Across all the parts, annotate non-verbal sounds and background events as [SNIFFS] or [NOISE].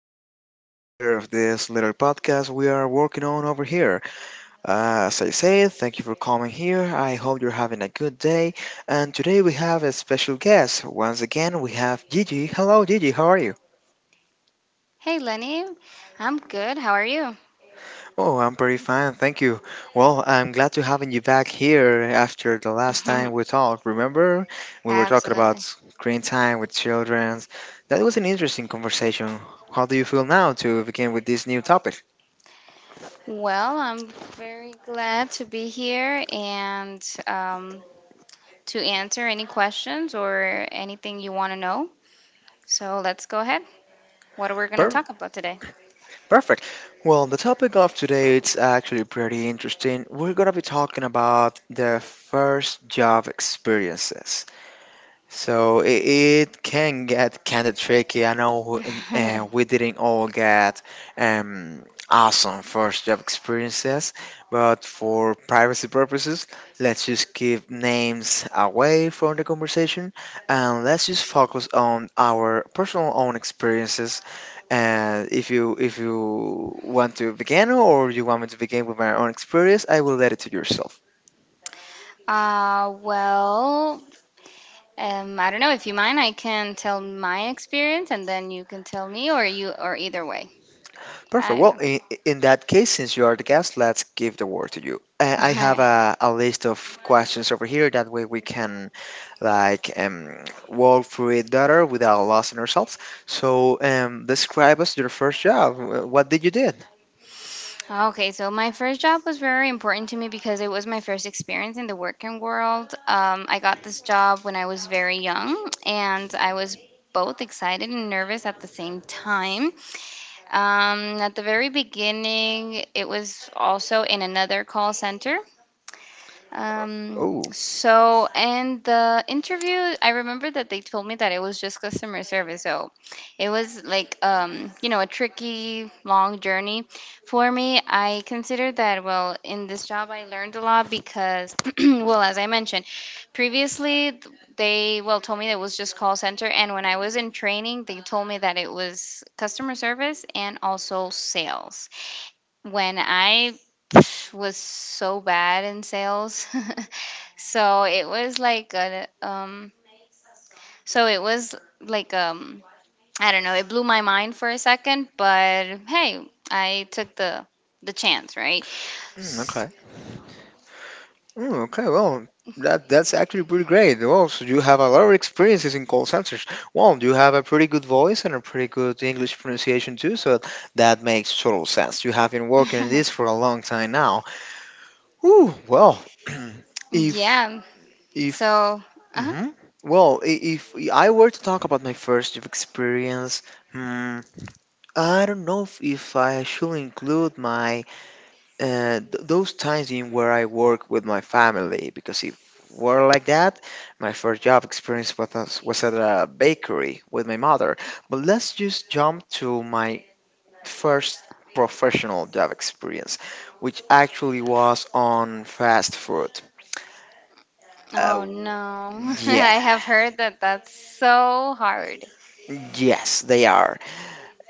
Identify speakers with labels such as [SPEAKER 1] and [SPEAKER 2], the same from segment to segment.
[SPEAKER 1] for another chapter of this little podcast we are working on over here. As I said, thank you for coming here. I hope you're having a good day. And today we have a special guest. Once again, we have Gigi. Hello, Gigi. How are you?
[SPEAKER 2] Hey Lenny, I'm good. How are you?
[SPEAKER 1] Oh, I'm pretty fine, thank you. Well, I'm glad to having you back here after the last time
[SPEAKER 2] [LAUGHS]
[SPEAKER 1] we talked. Remember, we were talking about
[SPEAKER 2] Absolutely.
[SPEAKER 1] screen time with children. That was an interesting conversation. How do you feel now to begin with this new topic?
[SPEAKER 2] Well, I'm very glad to be here and to answer any questions or anything you want to know. So let's go ahead. What are we going to
[SPEAKER 1] Per-
[SPEAKER 2] talk about today?
[SPEAKER 1] Perfect. Well, the topic of today it's actually pretty interesting. We're gonna be talking about the first job experiences. So it can get kind of tricky. I know and
[SPEAKER 2] [LAUGHS]
[SPEAKER 1] we didn't all get um, awesome first job experiences, but for privacy purposes, let's just keep names away from the conversation and let's just focus on our personal own experiences. And if you want to begin or you want me to begin with my own experience, I will let it to yourself.
[SPEAKER 2] uh, well, I don't know if you mind. I can tell my experience and then you can tell me, or either way.
[SPEAKER 1] Perfect.
[SPEAKER 2] I
[SPEAKER 1] Well,
[SPEAKER 2] don't.
[SPEAKER 1] in that case, since you are the guest, let's give the word to you. I have
[SPEAKER 2] [LAUGHS]
[SPEAKER 1] a list of questions over here. That way, we can like walk through it better without losing ourselves. So, describe us your first job. What did you did?
[SPEAKER 2] Okay, so my first job was very important to me because it was my first experience in the working world. I got this job when I was very young, and I was both excited and nervous at the same time. At the very beginning, it was also in another call center. Um,
[SPEAKER 1] Oh,
[SPEAKER 2] and the interview, I remember that they told me that it was just customer service. So it was like, you know, a tricky, long journey for me. I consider that, well, in this job, I learned a lot because, [CLEARS THROAT] well, as I mentioned previously, they, well, told me that it was just call center. And when I was in training, they told me that it was customer service and also sales when I [SNIFFS] was so bad in sales. [LAUGHS] so it was like a, so it was like I don't know, it blew my mind for a second, but hey, I took the chance, right?
[SPEAKER 1] mm,
[SPEAKER 2] S-
[SPEAKER 1] okay. Mm, okay, well, that's actually pretty great. Well, so you have a lot of experiences in call centers. Well, you have a pretty good voice and a pretty good English pronunciation too, so that makes total sense. You have been working in this
[SPEAKER 2] [LAUGHS]
[SPEAKER 1] for a long time now. Ooh, well, [CLEARS THROAT] if
[SPEAKER 2] yeah.
[SPEAKER 1] if
[SPEAKER 2] So, uh-huh.
[SPEAKER 1] hmm if I were to talk about my first experience, hmm, I don't know if I should include my those times in where I work with my family because if were like that, my first job experience with us was at a bakery with my mother. But let's just jump to my first professional job experience, which actually was on fast food. Uh,
[SPEAKER 2] Oh no. [LAUGHS]
[SPEAKER 1] yeah,
[SPEAKER 2] I have heard that that's so hard.
[SPEAKER 1] yes, they are.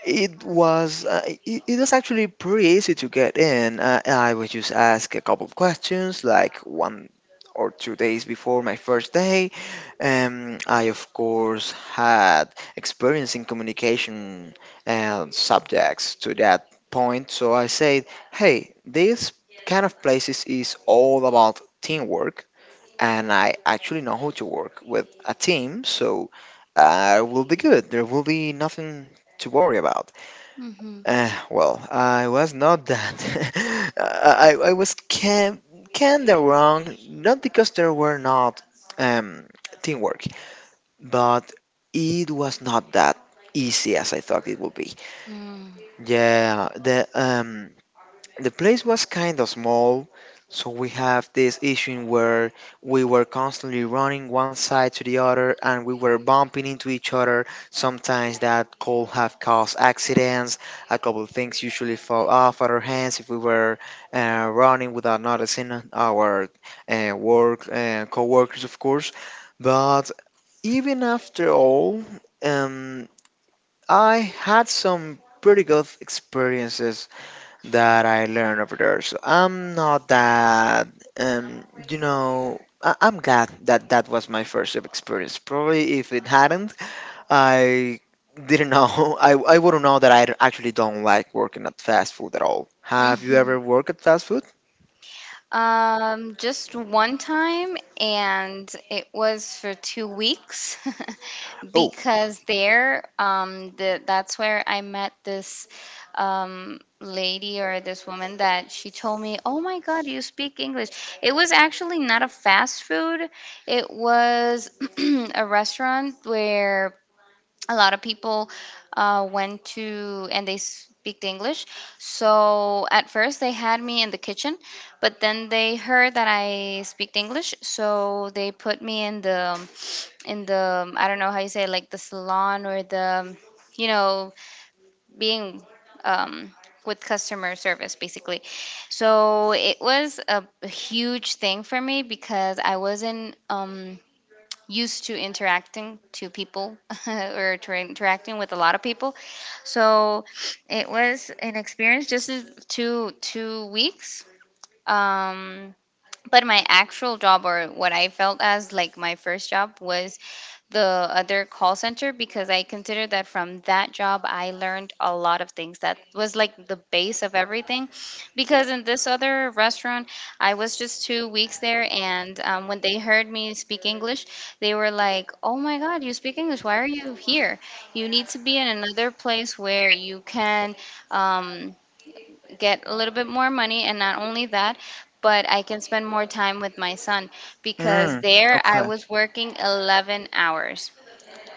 [SPEAKER 1] It was it was actually pretty easy to get in. I would just ask a couple of questions, like 1 or 2 days before my first day. I of course had experience in communication subjects to that point, so I said, "Hey, this kind of places is all about teamwork, and I actually know how to work with a team, so I will be good. There will be nothing to worry about."
[SPEAKER 2] Mhm.
[SPEAKER 1] Well, I was not that. [LAUGHS] I was can kind of wrong, not because there were not um, teamwork, but it was not that easy as I thought it would be.
[SPEAKER 2] Mm.
[SPEAKER 1] Yeah, the place was kind of small, so we have this issue where we were constantly running one side to the other and we were bumping into each other. Sometimes that could have caused accidents. A couple of things usually fall off our hands if we were running without noticing our work co-workers, of course. But even after all, um, I had some pretty good experiences that I learned over there. So I'm not that, I'm glad that that was my first job experience. Probably if it hadn't, I didn't know, [LAUGHS] I wouldn't know that I actually don't like working at fast food at all. Have you ever
[SPEAKER 2] [LAUGHS]
[SPEAKER 1] worked at fast food?
[SPEAKER 2] Just one time, and it was for two weeks [LAUGHS]
[SPEAKER 1] Oh,
[SPEAKER 2] because there, that's where I met this lady or this woman that she told me, "Oh my God, you speak English." It was actually not a fast food; it was [CLEARS THROAT] a restaurant where a lot of people went to and they speak the english so at first they had me in the kitchen but then they heard that I speak the english so they put me in the I don't know how you say it, like the salon or the you know being um, with customer service basically so it was a huge thing for me because I wasn't used to interacting to people [LAUGHS] or to interacting with a lot of people. So it was an experience just in two weeks. Um, but my actual job or what I felt as like my first job was the other call center because I consider that from that job I learned a lot of things that was like the base of everything because in this other restaurant I was just two weeks there and when they heard me speak English they were like oh my god you speak English why are you here you need to be in another place where you can um, get a little bit more money and not only that but I can spend more time with my son because
[SPEAKER 1] mm,
[SPEAKER 2] there I
[SPEAKER 1] okay.
[SPEAKER 2] was working 11 hours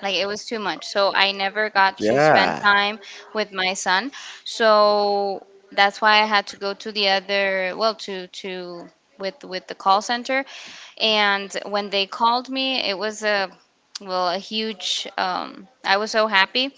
[SPEAKER 2] like it was too much so I never got to spend
[SPEAKER 1] Yeah,
[SPEAKER 2] time with my son so that's why I had to go to the other well to with the call center and when they called me it was a well a huge I was so happy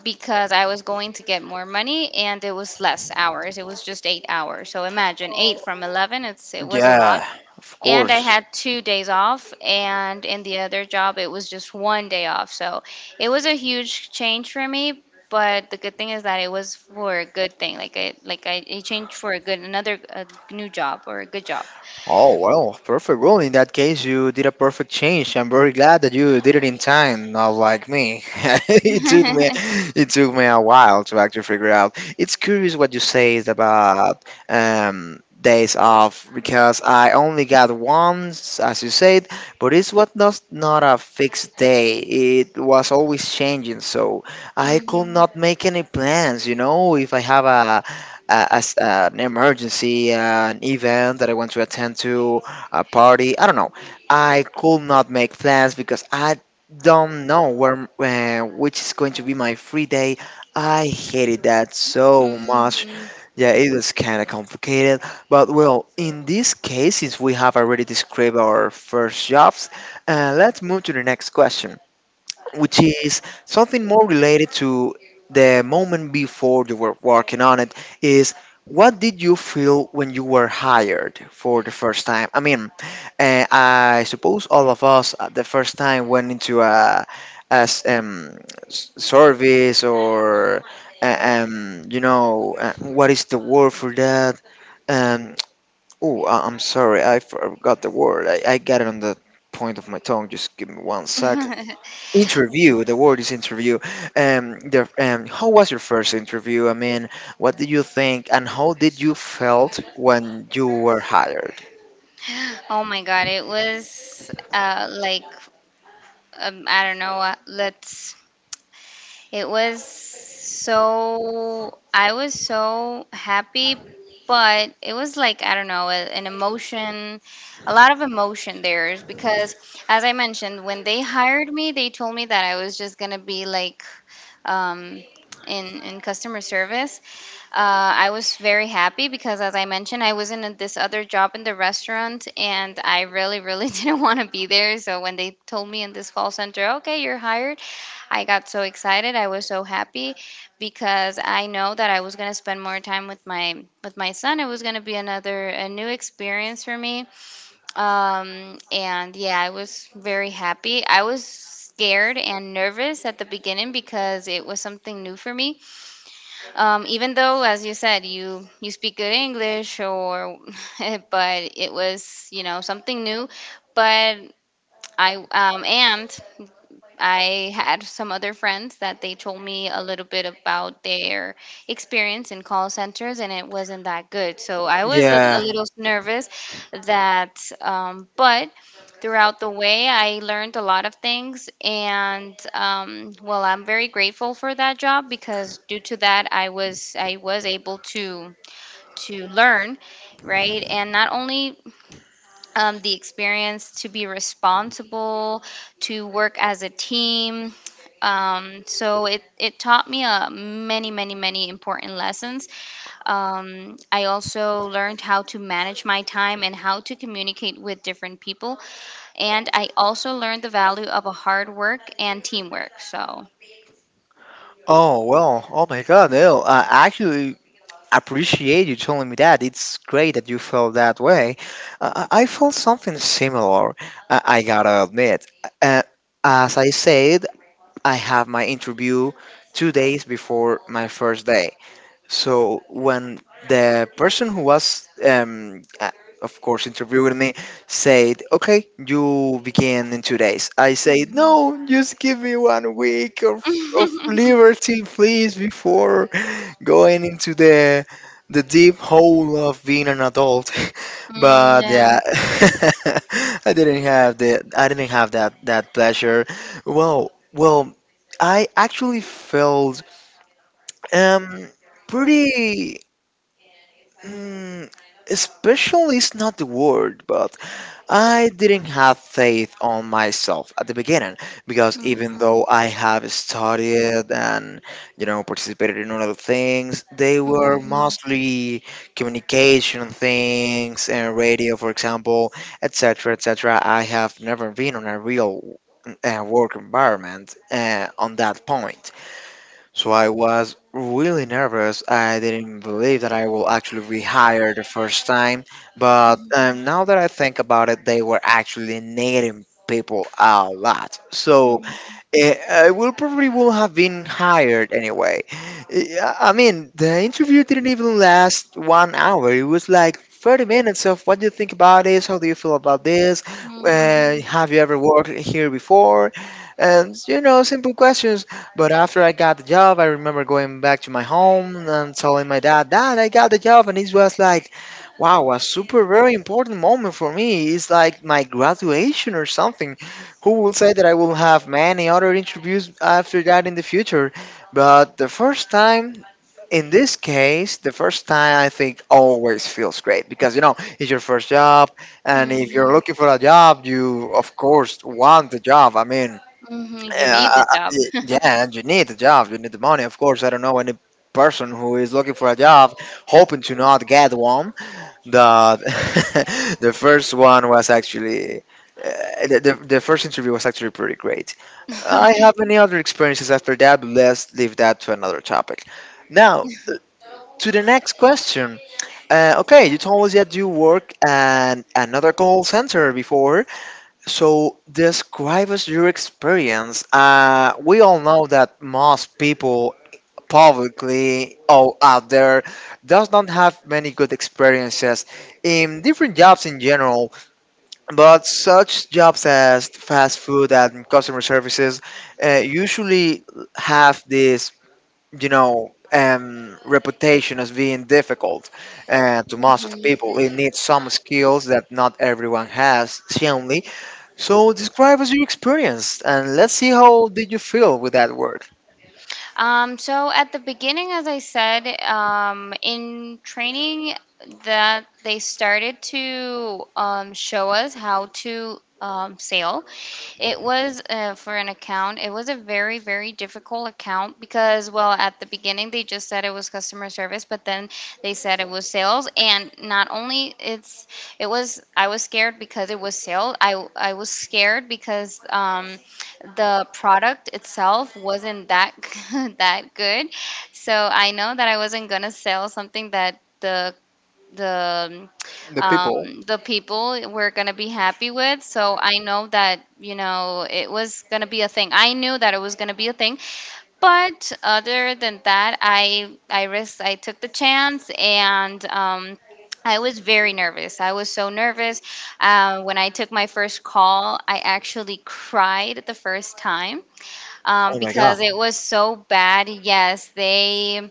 [SPEAKER 2] because I was going to get more money and it was less hours. It was just eight hours. So imagine eight from 11, it was a lot.
[SPEAKER 1] yeah, of
[SPEAKER 2] And I
[SPEAKER 1] course.
[SPEAKER 2] had two days off, and in the other job, it was just one day off. So it was a huge change for me. But the good thing is that it was for a good thing. It changed for a good another a new job or a good job.
[SPEAKER 1] Oh, well, perfect. Well, in that case, you did a perfect change. I'm very glad that you did it in time, not like me. [LAUGHS] it took me,
[SPEAKER 2] [LAUGHS]
[SPEAKER 1] it took me a while to actually figure out. It's curious what you say is about days off because I only got one, as you said, but it's what not a fixed day. It was always changing, so I could
[SPEAKER 2] Mhm.
[SPEAKER 1] not make any plans. You know, if I have a as an emergency, an event that I want to attend to, a party. I don't know. I could not make plans because I don't know where which is going to be my free day. I hated that so much.
[SPEAKER 2] Mhm.
[SPEAKER 1] Yeah, it was kind of complicated, but well, in this case, since we have already described our first jobs, let's move to the next question which is something more related to the moment before you were working on it is what did you feel when you were hired for the first time. I mean, I suppose all of us at the first time went into a, as um, service or uh, you know, what is the word for that? um, oh, I'm sorry I forgot the word. I got it on the point of my tongue. Just give me one sec.
[SPEAKER 2] [LAUGHS]
[SPEAKER 1] Interview. The word is interview. How was your first interview? I mean, what did you think, and how did you felt when you were hired?
[SPEAKER 2] Oh my God, it was like, I don't know. Let's I was so happy, but it was like, I don't know, an emotion, a lot of emotion there is because, as I mentioned, when they hired me, they told me that I was just going to be like um, in customer service. I was very happy because, as I mentioned, I was in this other job in the restaurant and I really, really [LAUGHS] didn't want to be there. So when they told me in this call center, okay, you're hired. I got so excited. I was so happy because I know that I was going to spend more time with my son. It was going to be another a new experience for me. And yeah, I was very happy. I was scared and nervous at the beginning because it was something new for me. Even though as you said, you speak good English or [LAUGHS] but it was, you know, something new, but I um and I had some other friends that they told me a little bit about their experience in call centers, and it wasn't that good. So I was a
[SPEAKER 1] Yeah.
[SPEAKER 2] little nervous that, but throughout the way, I learned a lot of things. And Well, I'm very grateful for that job because due to that, I was able to learn, right? And not only the experience to be responsible, to work as a team. So it taught me many, many, many important lessons. I also learned how to manage my time and how to communicate with different people. And I also learned the value of a hard work and teamwork. So,
[SPEAKER 1] Oh well. Oh my God. No. I actually appreciate you telling me that. It's great that you felt that way. I felt something similar. I gotta admit. Uh, as I said, I have my interview 2 days before my first day. So when the person who was, of course, interviewing me said, "Okay, you begin in 2 days," I said,
[SPEAKER 2] Mhm.
[SPEAKER 1] "No, just give me 1 week of
[SPEAKER 2] [LAUGHS]
[SPEAKER 1] liberty, please, before going into the deep hole of being an adult." [LAUGHS]
[SPEAKER 2] Mm,
[SPEAKER 1] But
[SPEAKER 2] yeah.
[SPEAKER 1] yeah, [LAUGHS] I didn't have that pleasure. Well, well, I actually felt um pretty. Mm, special is not the word, but I didn't have faith on myself at the beginning because even
[SPEAKER 2] Mhm,
[SPEAKER 1] though I have studied and you know participated in other things, they were
[SPEAKER 2] mhm,
[SPEAKER 1] mostly communication things and radio, for example, etc., etc. I have never been on a real work environment on that point. So I was really nervous. I didn't believe that I will actually be hired the first time. But now that I think about it, they were actually needing people a lot. So
[SPEAKER 2] mhm,
[SPEAKER 1] Eh, I will probably will have been hired anyway. I mean, the interview didn't even last 1 hour. It was like 30 minutes of what do you think about this? How do you feel about this?
[SPEAKER 2] mhm,
[SPEAKER 1] Have you ever worked here before? And, you know, simple questions. But after I got the job, I remember going back to my home and telling my dad, "Dad, I got the job." And it was like, wow, a super, very important moment for me. It's like my graduation or something. Who will say that I will have many other interviews after that in the future? But the first time, in this case, the first time I think always feels great because you know it's your first job, and if you're
[SPEAKER 2] mhm.
[SPEAKER 1] looking for a job, you of course want the job. I mean,
[SPEAKER 2] Mhm, you
[SPEAKER 1] uh,
[SPEAKER 2] need the
[SPEAKER 1] uh,
[SPEAKER 2] job.
[SPEAKER 1] yeah, and you need the job, you need the money. Of course, I don't know any person who is looking for a job hoping to not get one that [LAUGHS] the first one was actually the first interview was actually pretty great. I
[SPEAKER 2] [LAUGHS]
[SPEAKER 1] have many other experiences after that, but let's leave that to another topic. Now to the next question. Okay, you told us that you work at another call center before. So describe us your experience. We all know that most people publicly all out there does not have many good experiences in different jobs in general, but such jobs as fast food and customer services usually have this reputation as being difficult to most of the
[SPEAKER 2] Mhm.
[SPEAKER 1] people. It needs some skills that not everyone has certainly. So describe us your experience and let's see how did you feel with that work.
[SPEAKER 2] So at the beginning, as I said, in training that they started to show us how to sail. It was for an account. It was a very, very difficult account because, well, at the beginning they just said it was customer service, but then they said it was sales. And not only it's, It was, I was scared because it was sales. I was scared because the product itself wasn't that [LAUGHS] that good. So I know that I wasn't gonna sell something that the
[SPEAKER 1] The
[SPEAKER 2] um,
[SPEAKER 1] people
[SPEAKER 2] the people were gonna be happy with. So I know that you know it was gonna be a thing. I knew that it was gonna be a thing. But other than that, I risked. I took the chance and. I was very nervous. I was so nervous. When I took my first call, I actually cried the first time
[SPEAKER 1] Oh my.
[SPEAKER 2] because it was so bad. Yes, they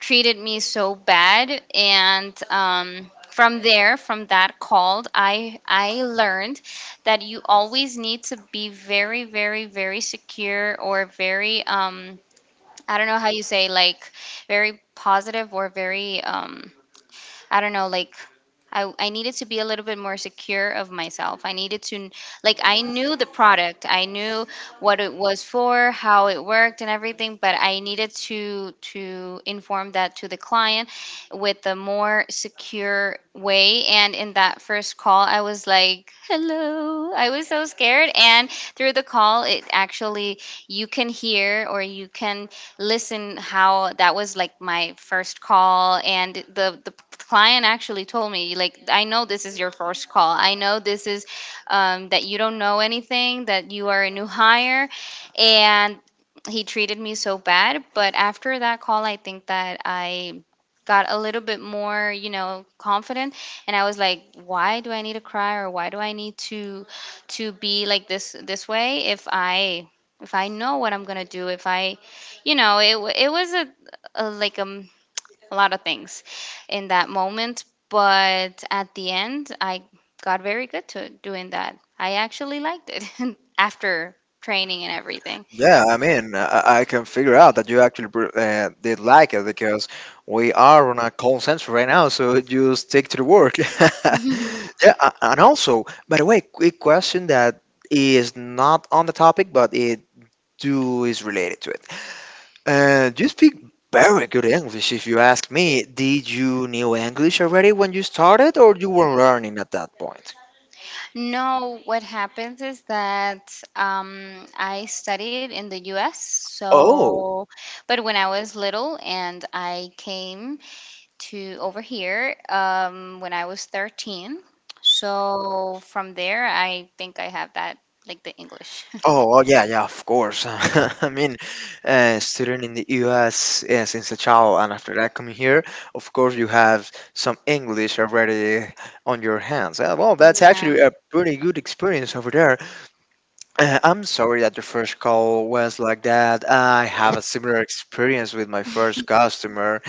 [SPEAKER 2] treated me so bad, and from that call, I learned that you always need to be very, very, very secure or very I don't know how you say like very positive or very I don't know, like I needed to be a little bit more secure of myself. I needed to, like, I knew the product, I knew what it was for, how it worked, and everything, but I needed to inform that to the client with a more secure way. And in that first call, I was like, "Hello," I was so scared. And through the call, it actually you can hear or you can listen how that was like my first call and the client actually told me like I know this is your first call I know this is that you don't know anything that you are a new hire and he treated me so bad but after that call I think that I got a little bit more you know confident and I was like why do I need to cry or why do I need to be like this way if I know what I'm gonna do if I you know it was a like a lot of things in that moment. But at the end, I got very good to doing that. I actually liked it [LAUGHS] after training and everything.
[SPEAKER 1] Yeah, I mean, I can figure out that you actually did like it because we are on a call center right now, so you stick to the work. [LAUGHS]
[SPEAKER 2] [LAUGHS]
[SPEAKER 1] Yeah, and also, by the way, quick question that is not on the topic, but it too is related to it. You speak very good English, if you ask me? Did you knew English already when you started, or you were learning at that point?
[SPEAKER 2] No, what happens is that I studied in the US.
[SPEAKER 1] Oh.
[SPEAKER 2] So, but when I was little and I came to over here when I was 13. So, from there, I think I have that, like the English.
[SPEAKER 1] Oh, oh yeah, yeah, of course. [LAUGHS] I mean, student in the US since a child, and after that coming here, of course you have some English already on your hands. Well,
[SPEAKER 2] [LAUGHS]
[SPEAKER 1] that's
[SPEAKER 2] Yeah.
[SPEAKER 1] actually a pretty good experience over there. I'm sorry that the first call was like that. I have a similar experience with my first customer.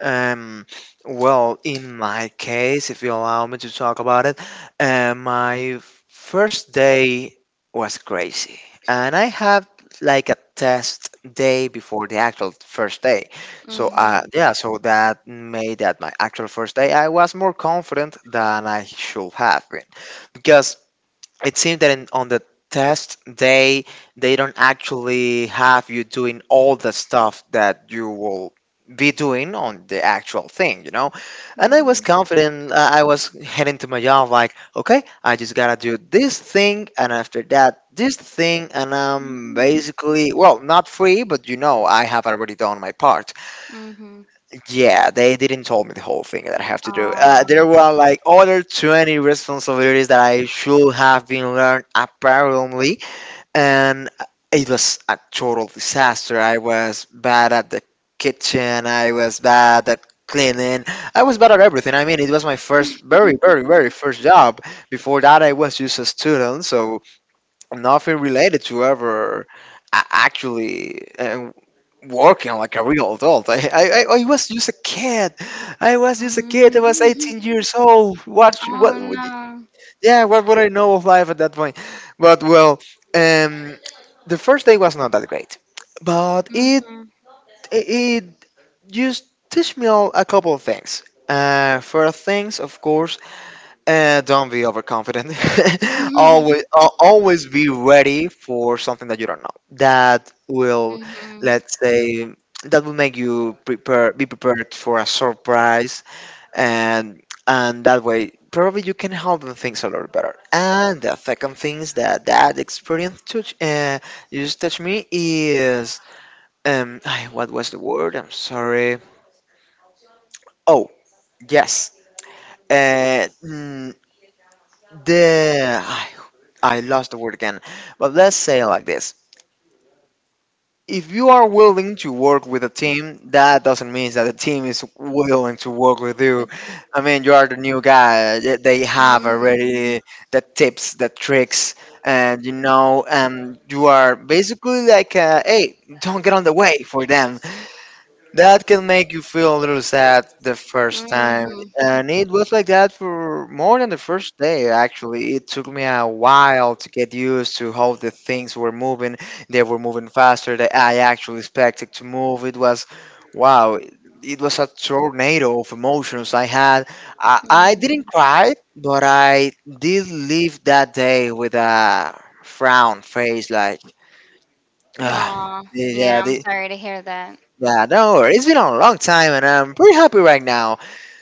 [SPEAKER 1] Um, well, in my case, if you allow me to talk about it, my first day was crazy. And I had like a test day before the actual first day. So,
[SPEAKER 2] Mhm.
[SPEAKER 1] yeah, so that made that my actual first day, I was more confident than I should have been. Because it seems that on the test day they don't actually have you doing all the stuff that you will be doing on the actual thing, you know, and I
[SPEAKER 2] Mm-hmm.
[SPEAKER 1] was confident. I was heading to my job like, okay, I just gotta do this thing and after that this thing and I'm basically, well, not free, but you know, I have already done my part.
[SPEAKER 2] Mm-hmm. Mm-hmm.
[SPEAKER 1] Yeah, they didn't tell me the whole thing that I have to do.
[SPEAKER 2] Oh
[SPEAKER 1] There
[SPEAKER 2] my
[SPEAKER 1] were like other 20 responsibilities that I should have been learned apparently, and it was a total disaster. I was bad at the kitchen, I was bad at cleaning, I was bad at everything. I mean, it was my first, very, very, very first job. Before that, I was just a student, so nothing related to ever actually working like a real adult. I was just a kid. I was just a kid. I was
[SPEAKER 2] Mm-hmm.
[SPEAKER 1] 18 years old.
[SPEAKER 2] Oh
[SPEAKER 1] Would-
[SPEAKER 2] no.
[SPEAKER 1] yeah, what would I know of life at that point? But well, um, the first day was not that great, but it,
[SPEAKER 2] Mm-hmm.
[SPEAKER 1] it just teach me all a couple of things. First things, of course, don't be overconfident. [LAUGHS]
[SPEAKER 2] Mm-hmm.
[SPEAKER 1] Always, always be ready for something that you don't know. That will,
[SPEAKER 2] Mm-hmm.
[SPEAKER 1] let's say, that will make you prepare, be prepared for a surprise, and that way probably you can handle things a lot better. And the second thing is that that experience touch, you just touch me is, um, [SIGHS] what was the word? I'm sorry. Oh yes. Uh, the I, I lost the word again, but let's say it like this: if you are willing to work with a team, that doesn't mean that the team is willing to work with you.
[SPEAKER 2] But
[SPEAKER 1] I mean, you are the new guy. They have
[SPEAKER 2] mm-hmm.
[SPEAKER 1] already the tips, the tricks, and you know, you are basically like, hey, don't get on the way for them. That can make you feel a little sad the first time.
[SPEAKER 2] Mm-hmm.
[SPEAKER 1] And it was like that for more than the first day, actually. It took me a while to get used to how the things were moving. They were moving faster than I actually expected to move. It was, wow, it was a tornado of emotions I had. I didn't
[SPEAKER 2] Mm-hmm.
[SPEAKER 1] cry, but I did leave that day with a frown face, like, "Ugh,
[SPEAKER 2] Oh,
[SPEAKER 1] yeah,
[SPEAKER 2] yeah, I'm sorry to hear that.
[SPEAKER 1] yeah, no, worries. It's been a long time, and I'm pretty happy right now.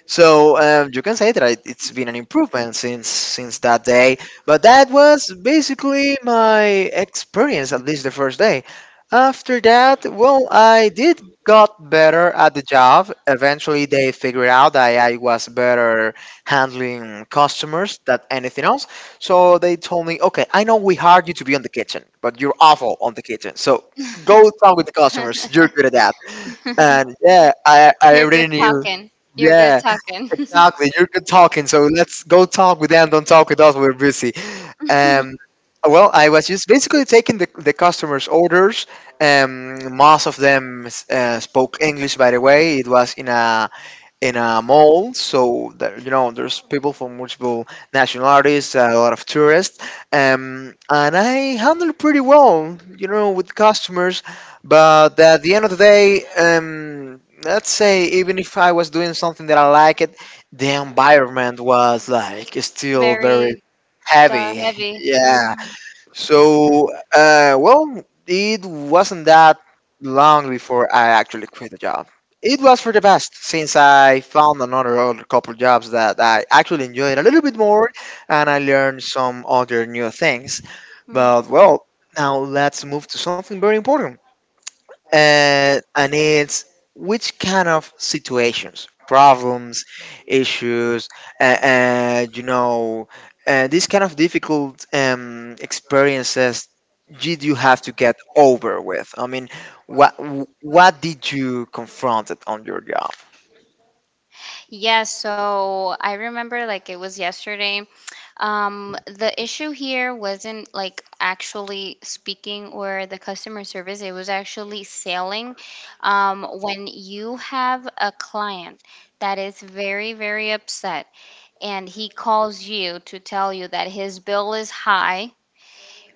[SPEAKER 1] So you can say that it's been an improvement since that day. But that was basically my experience, at least the first day. After that, well, I did got better at the job. Eventually, they figured out that I was better handling customers than anything else. So they told me, okay, I know we hired you to be on the kitchen, but you're awful on the kitchen. So go talk with the customers. You're
[SPEAKER 2] [LAUGHS]
[SPEAKER 1] good at that. And yeah, I
[SPEAKER 2] You're
[SPEAKER 1] already
[SPEAKER 2] good
[SPEAKER 1] knew.
[SPEAKER 2] talking. You're good
[SPEAKER 1] Yeah,
[SPEAKER 2] talking.
[SPEAKER 1] exactly. You're good talking, so let's go talk with them. Don't talk with us. We're busy.
[SPEAKER 2] [LAUGHS]
[SPEAKER 1] Um, well, I was just basically taking the customers' orders. Most of them spoke English. By the way, it was in a mall. So that, you know, there's people from multiple nationalities, a lot of tourists, and I handle pretty well, you know, with customers. But at the end of the day, let's say even if I was doing something that I liked, the environment was like still very
[SPEAKER 2] Very the
[SPEAKER 1] heavy.
[SPEAKER 2] heavy.
[SPEAKER 1] Yeah,
[SPEAKER 2] Hmm
[SPEAKER 1] so, well, it wasn't that long before I actually quit the job. It was for the best since I found another other couple jobs that I actually enjoyed a little bit more and I learned some other new things. But,
[SPEAKER 2] hmm
[SPEAKER 1] well, now let's move to something very important, and it's which kind of situations, problems, issues, and you know, these kind of difficult experiences did you have to get over with? I mean, what what did you confront it on your job?
[SPEAKER 2] Yeah, so I remember like it was yesterday. The issue here wasn't like actually speaking or the customer service, it was actually selling. When you have a client that is very, very upset and he calls you to tell you that his bill is high,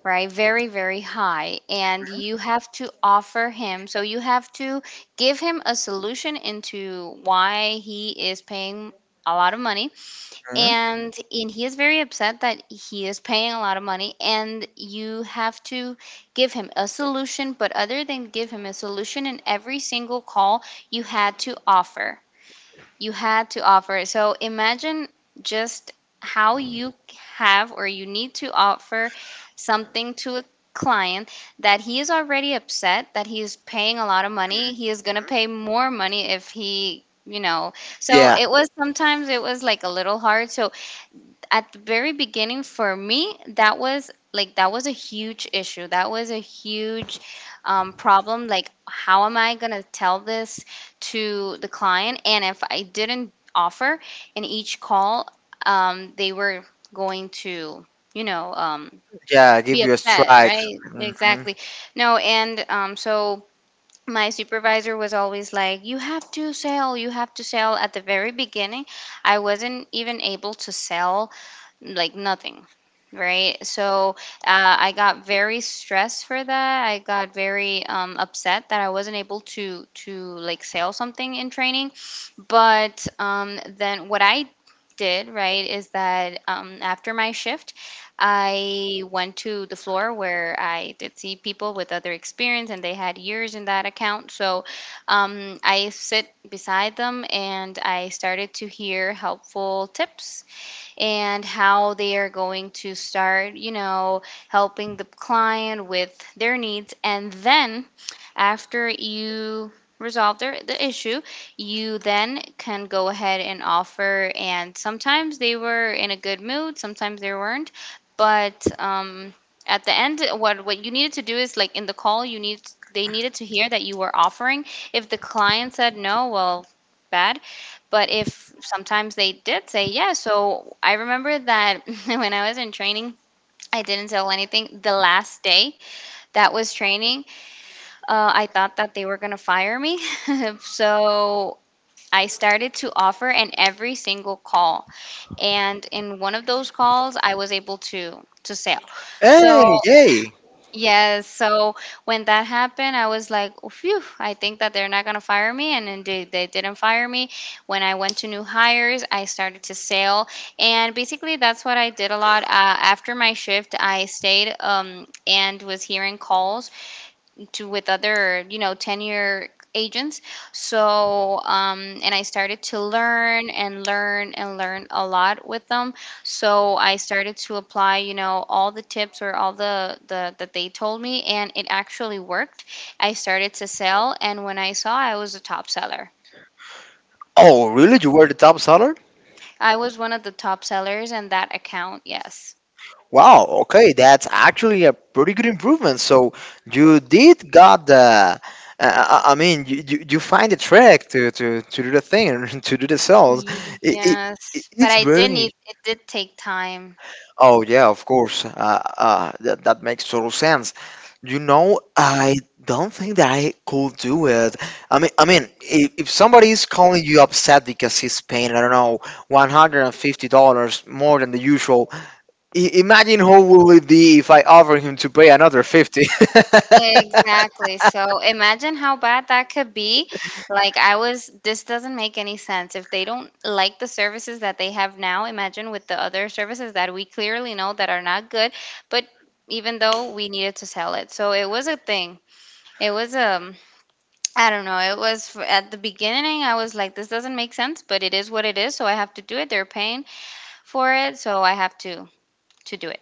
[SPEAKER 2] right? Very, very high. And you have to offer him, so you have to give him a solution into why he is paying a lot of money.
[SPEAKER 1] Hmm?
[SPEAKER 2] And he is very upset that he is paying a lot of money. And you have to give him a solution, but other than give him a solution in every single call, you had to offer you had to offer. So imagine just how you have or you need to offer something to a client that he is already upset that he is paying a lot of money. He is going to pay more money if he. So
[SPEAKER 1] Yeah,
[SPEAKER 2] it was sometimes it was like a little hard. So at the very beginning for me that was a huge issue, that was a huge problem, like how am I going to tell this to the client, and if I didn't offer in each call, they were going to, you know um,
[SPEAKER 1] yeah,
[SPEAKER 2] be
[SPEAKER 1] give you a
[SPEAKER 2] upset,
[SPEAKER 1] strike.
[SPEAKER 2] right?
[SPEAKER 1] Hmm.
[SPEAKER 2] Exactly. No, and so my supervisor was always like, you have to sell, you have to sell. At the very beginning I wasn't even able to sell, like nothing, right? So I got very stressed for that. I got very upset that I wasn't able to like sell something in training. But then what I did, right, is that after my shift I went to the floor where I did see people with other experience and they had years in that account. So I sit beside them and I started to hear helpful tips and how they are going to start, you know, helping the client with their needs. And then after you resolve the issue, you then can go ahead and offer. And sometimes they were in a good mood, sometimes they weren't. But at the end, what you needed to do is, like, in the call, you need, they needed to hear that you were offering. If the client said no, well, bad. But if sometimes they did say yes. So I remember that [LAUGHS] when I was in training, I didn't tell anything. The last day that was training, I thought that they were gonna fire me, [LAUGHS] so I started to offer in every single call, and in one of those calls I was able to sell.
[SPEAKER 1] Hey,
[SPEAKER 2] So
[SPEAKER 1] yay.
[SPEAKER 2] yes, so when that happened, I was like, "Oh, phew, I think that they're not going to fire me." And indeed, they didn't fire me. When I went to new hires, I started to sail. And basically, that's what I did a lot. After my shift, I stayed and was hearing calls to with other, you know, tenure agents. So and I started to learn and learn and learn a lot with them. So I started to apply, you know, all the tips, or all the that they told me, and it actually worked. I started to sell, and when I saw, I was a top seller.
[SPEAKER 1] Oh really, you were the top seller?
[SPEAKER 2] I was one of the top sellers in that account, yes.
[SPEAKER 1] Wow, okay, that's actually a pretty good improvement. So you did got the, uh, I mean, you find the trick to, to do the thing, [LAUGHS] to do the cells. It, it,
[SPEAKER 2] Yes, but
[SPEAKER 1] it's
[SPEAKER 2] I did
[SPEAKER 1] very,
[SPEAKER 2] need, it did take time.
[SPEAKER 1] oh yeah, of course, that, that makes total sense. You know, I don't think that I could do it. I mean, if somebody is calling you upset because he's paying, I don't know, $150 more than the usual, I- imagine how will it be if I offer him to pay another 50. [LAUGHS]
[SPEAKER 2] Exactly. So imagine how bad that could be. Like, I was, this doesn't make any sense. If they don't like the services that they have now, imagine with the other services that we clearly know that are not good, but even though we needed to sell it. So it was a thing. It was I don't know. It was at the beginning I was like, this doesn't make sense, but it is what it is, so I have to do it. They're paying for it, so I have to do it.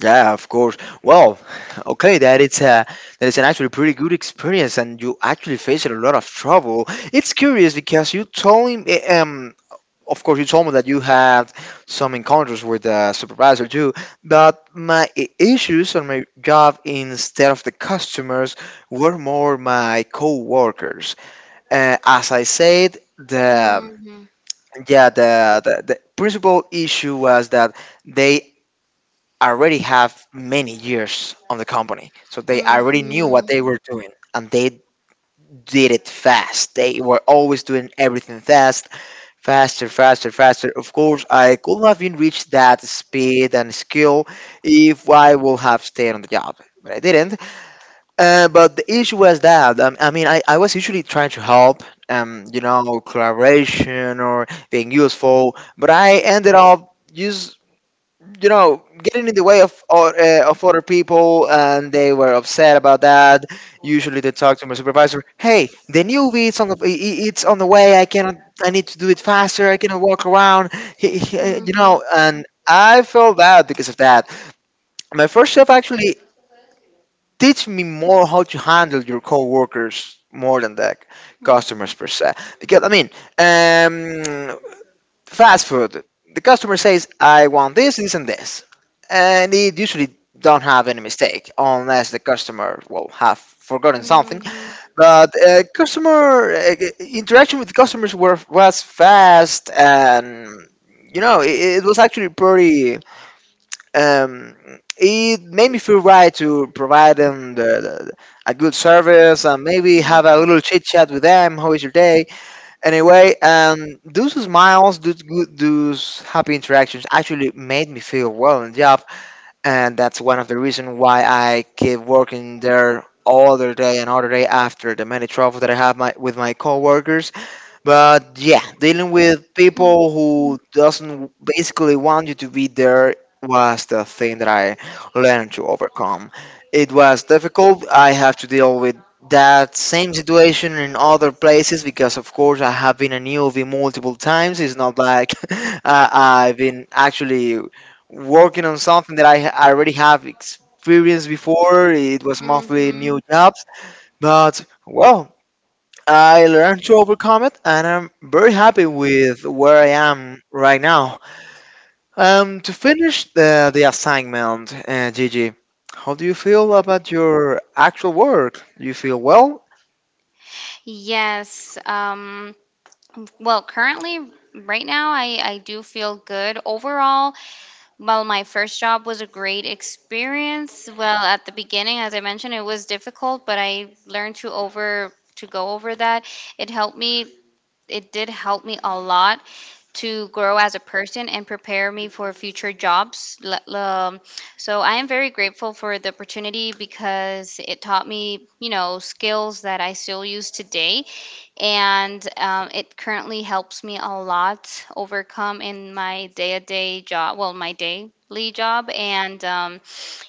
[SPEAKER 1] Yeah, of course. Well, okay, that it's a that is an actually pretty good experience, and you actually faced a lot of trouble. It's curious because you told him, eh, of course, you told me that you had some encounters with the supervisor too. But my issues on my job, instead of the customers, were more my co-workers. As I said, the,
[SPEAKER 2] Mhm.
[SPEAKER 1] yeah, the principal issue was that they already have many years on the company. So they already knew what
[SPEAKER 2] Mhm.
[SPEAKER 1] they were doing and they did it fast. They were always doing everything fast, faster, faster, faster. Of course, I could not have been reached that speed and skill if I would have stayed on the job, but I didn't. But the issue was that, I mean, I was usually trying to help, you know, collaboration or being useful, but I ended up just, you know, getting in the way of, or, of other people, and they were upset about that. Usually they talk to my supervisor, hey, the newbie it's on the it's on the way. I cannot, I need to do it faster. I cannot walk around. [LAUGHS] You
[SPEAKER 2] Mhm.
[SPEAKER 1] know, and I felt bad because of that. My first job actually teach me more how to handle your coworkers more than the
[SPEAKER 2] Mhm.
[SPEAKER 1] customers per se. Because I mean, um, fast food. The customer says, "I want this, this, and this," and it usually don't have any mistake unless the customer will have forgotten something.
[SPEAKER 2] Mhm.
[SPEAKER 1] But customer, interaction with customers were was fast and, you know, it was actually pretty, um, it made me feel right to provide them a good service and maybe have a
[SPEAKER 2] Mm.
[SPEAKER 1] little chit chat with them. How is your day? Anyway, those smiles, those good, those happy interactions actually made me feel well in the job, and that's one of the reasons why I keep working there all the day and all the day after the many troubles that I have with my coworkers, but yeah, dealing with people
[SPEAKER 2] Mhm.
[SPEAKER 1] who doesn't basically want you to be there was the thing that I learned to overcome. It was difficult. I have to deal with that same situation in other places because of course I have been a newbie multiple times. It's not like [LAUGHS] I've been actually working on something that I already have experienced before. It was mostly
[SPEAKER 2] Mhm.
[SPEAKER 1] new jobs, but well, I learned to overcome it, and I'm very happy with where I am right now. To finish the assignment, Gigi, how do you feel about your actual work? Do you feel well?
[SPEAKER 2] Yes. Well, currently, right now, I do feel good overall. Well, my first job was a great experience. Well, at the beginning, as I mentioned, it was difficult, but I learned to go over that. It helped me. It did help me a lot to grow as a person and prepare me for future jobs. So I am very grateful for the opportunity because it taught me, you know, skills that I still use today, and it currently helps me a lot overcome in my day-to-day job, well, my daily job. And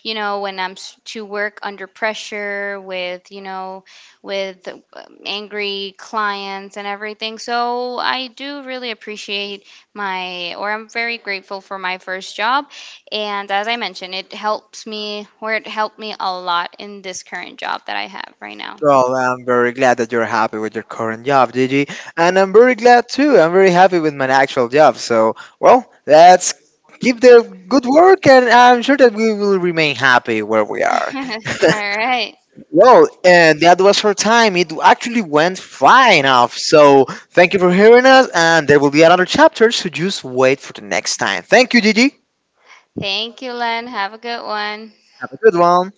[SPEAKER 2] you know, when to work under pressure with, you know, with angry clients and everything. So I do really appreciate my, or I'm very grateful for my first job, and as I mentioned, it helps me, or it helped me a lot in this current job that I have right now.
[SPEAKER 1] Well, I'm very glad that you're happy with your current job, Gigi, and I'm very glad too. I'm very happy with my actual job. So, well, let's keep the good work, and I'm sure that we will remain happy where we
[SPEAKER 2] [LAUGHS]
[SPEAKER 1] are. [LAUGHS]
[SPEAKER 2] All right.
[SPEAKER 1] Well, that was our time. It actually went flying off. So thank you for hearing us, and there will be another chapter. So just wait for the next time. Thank you, Gigi.
[SPEAKER 2] Thank you, Len. Have a good one.
[SPEAKER 1] Have a good one.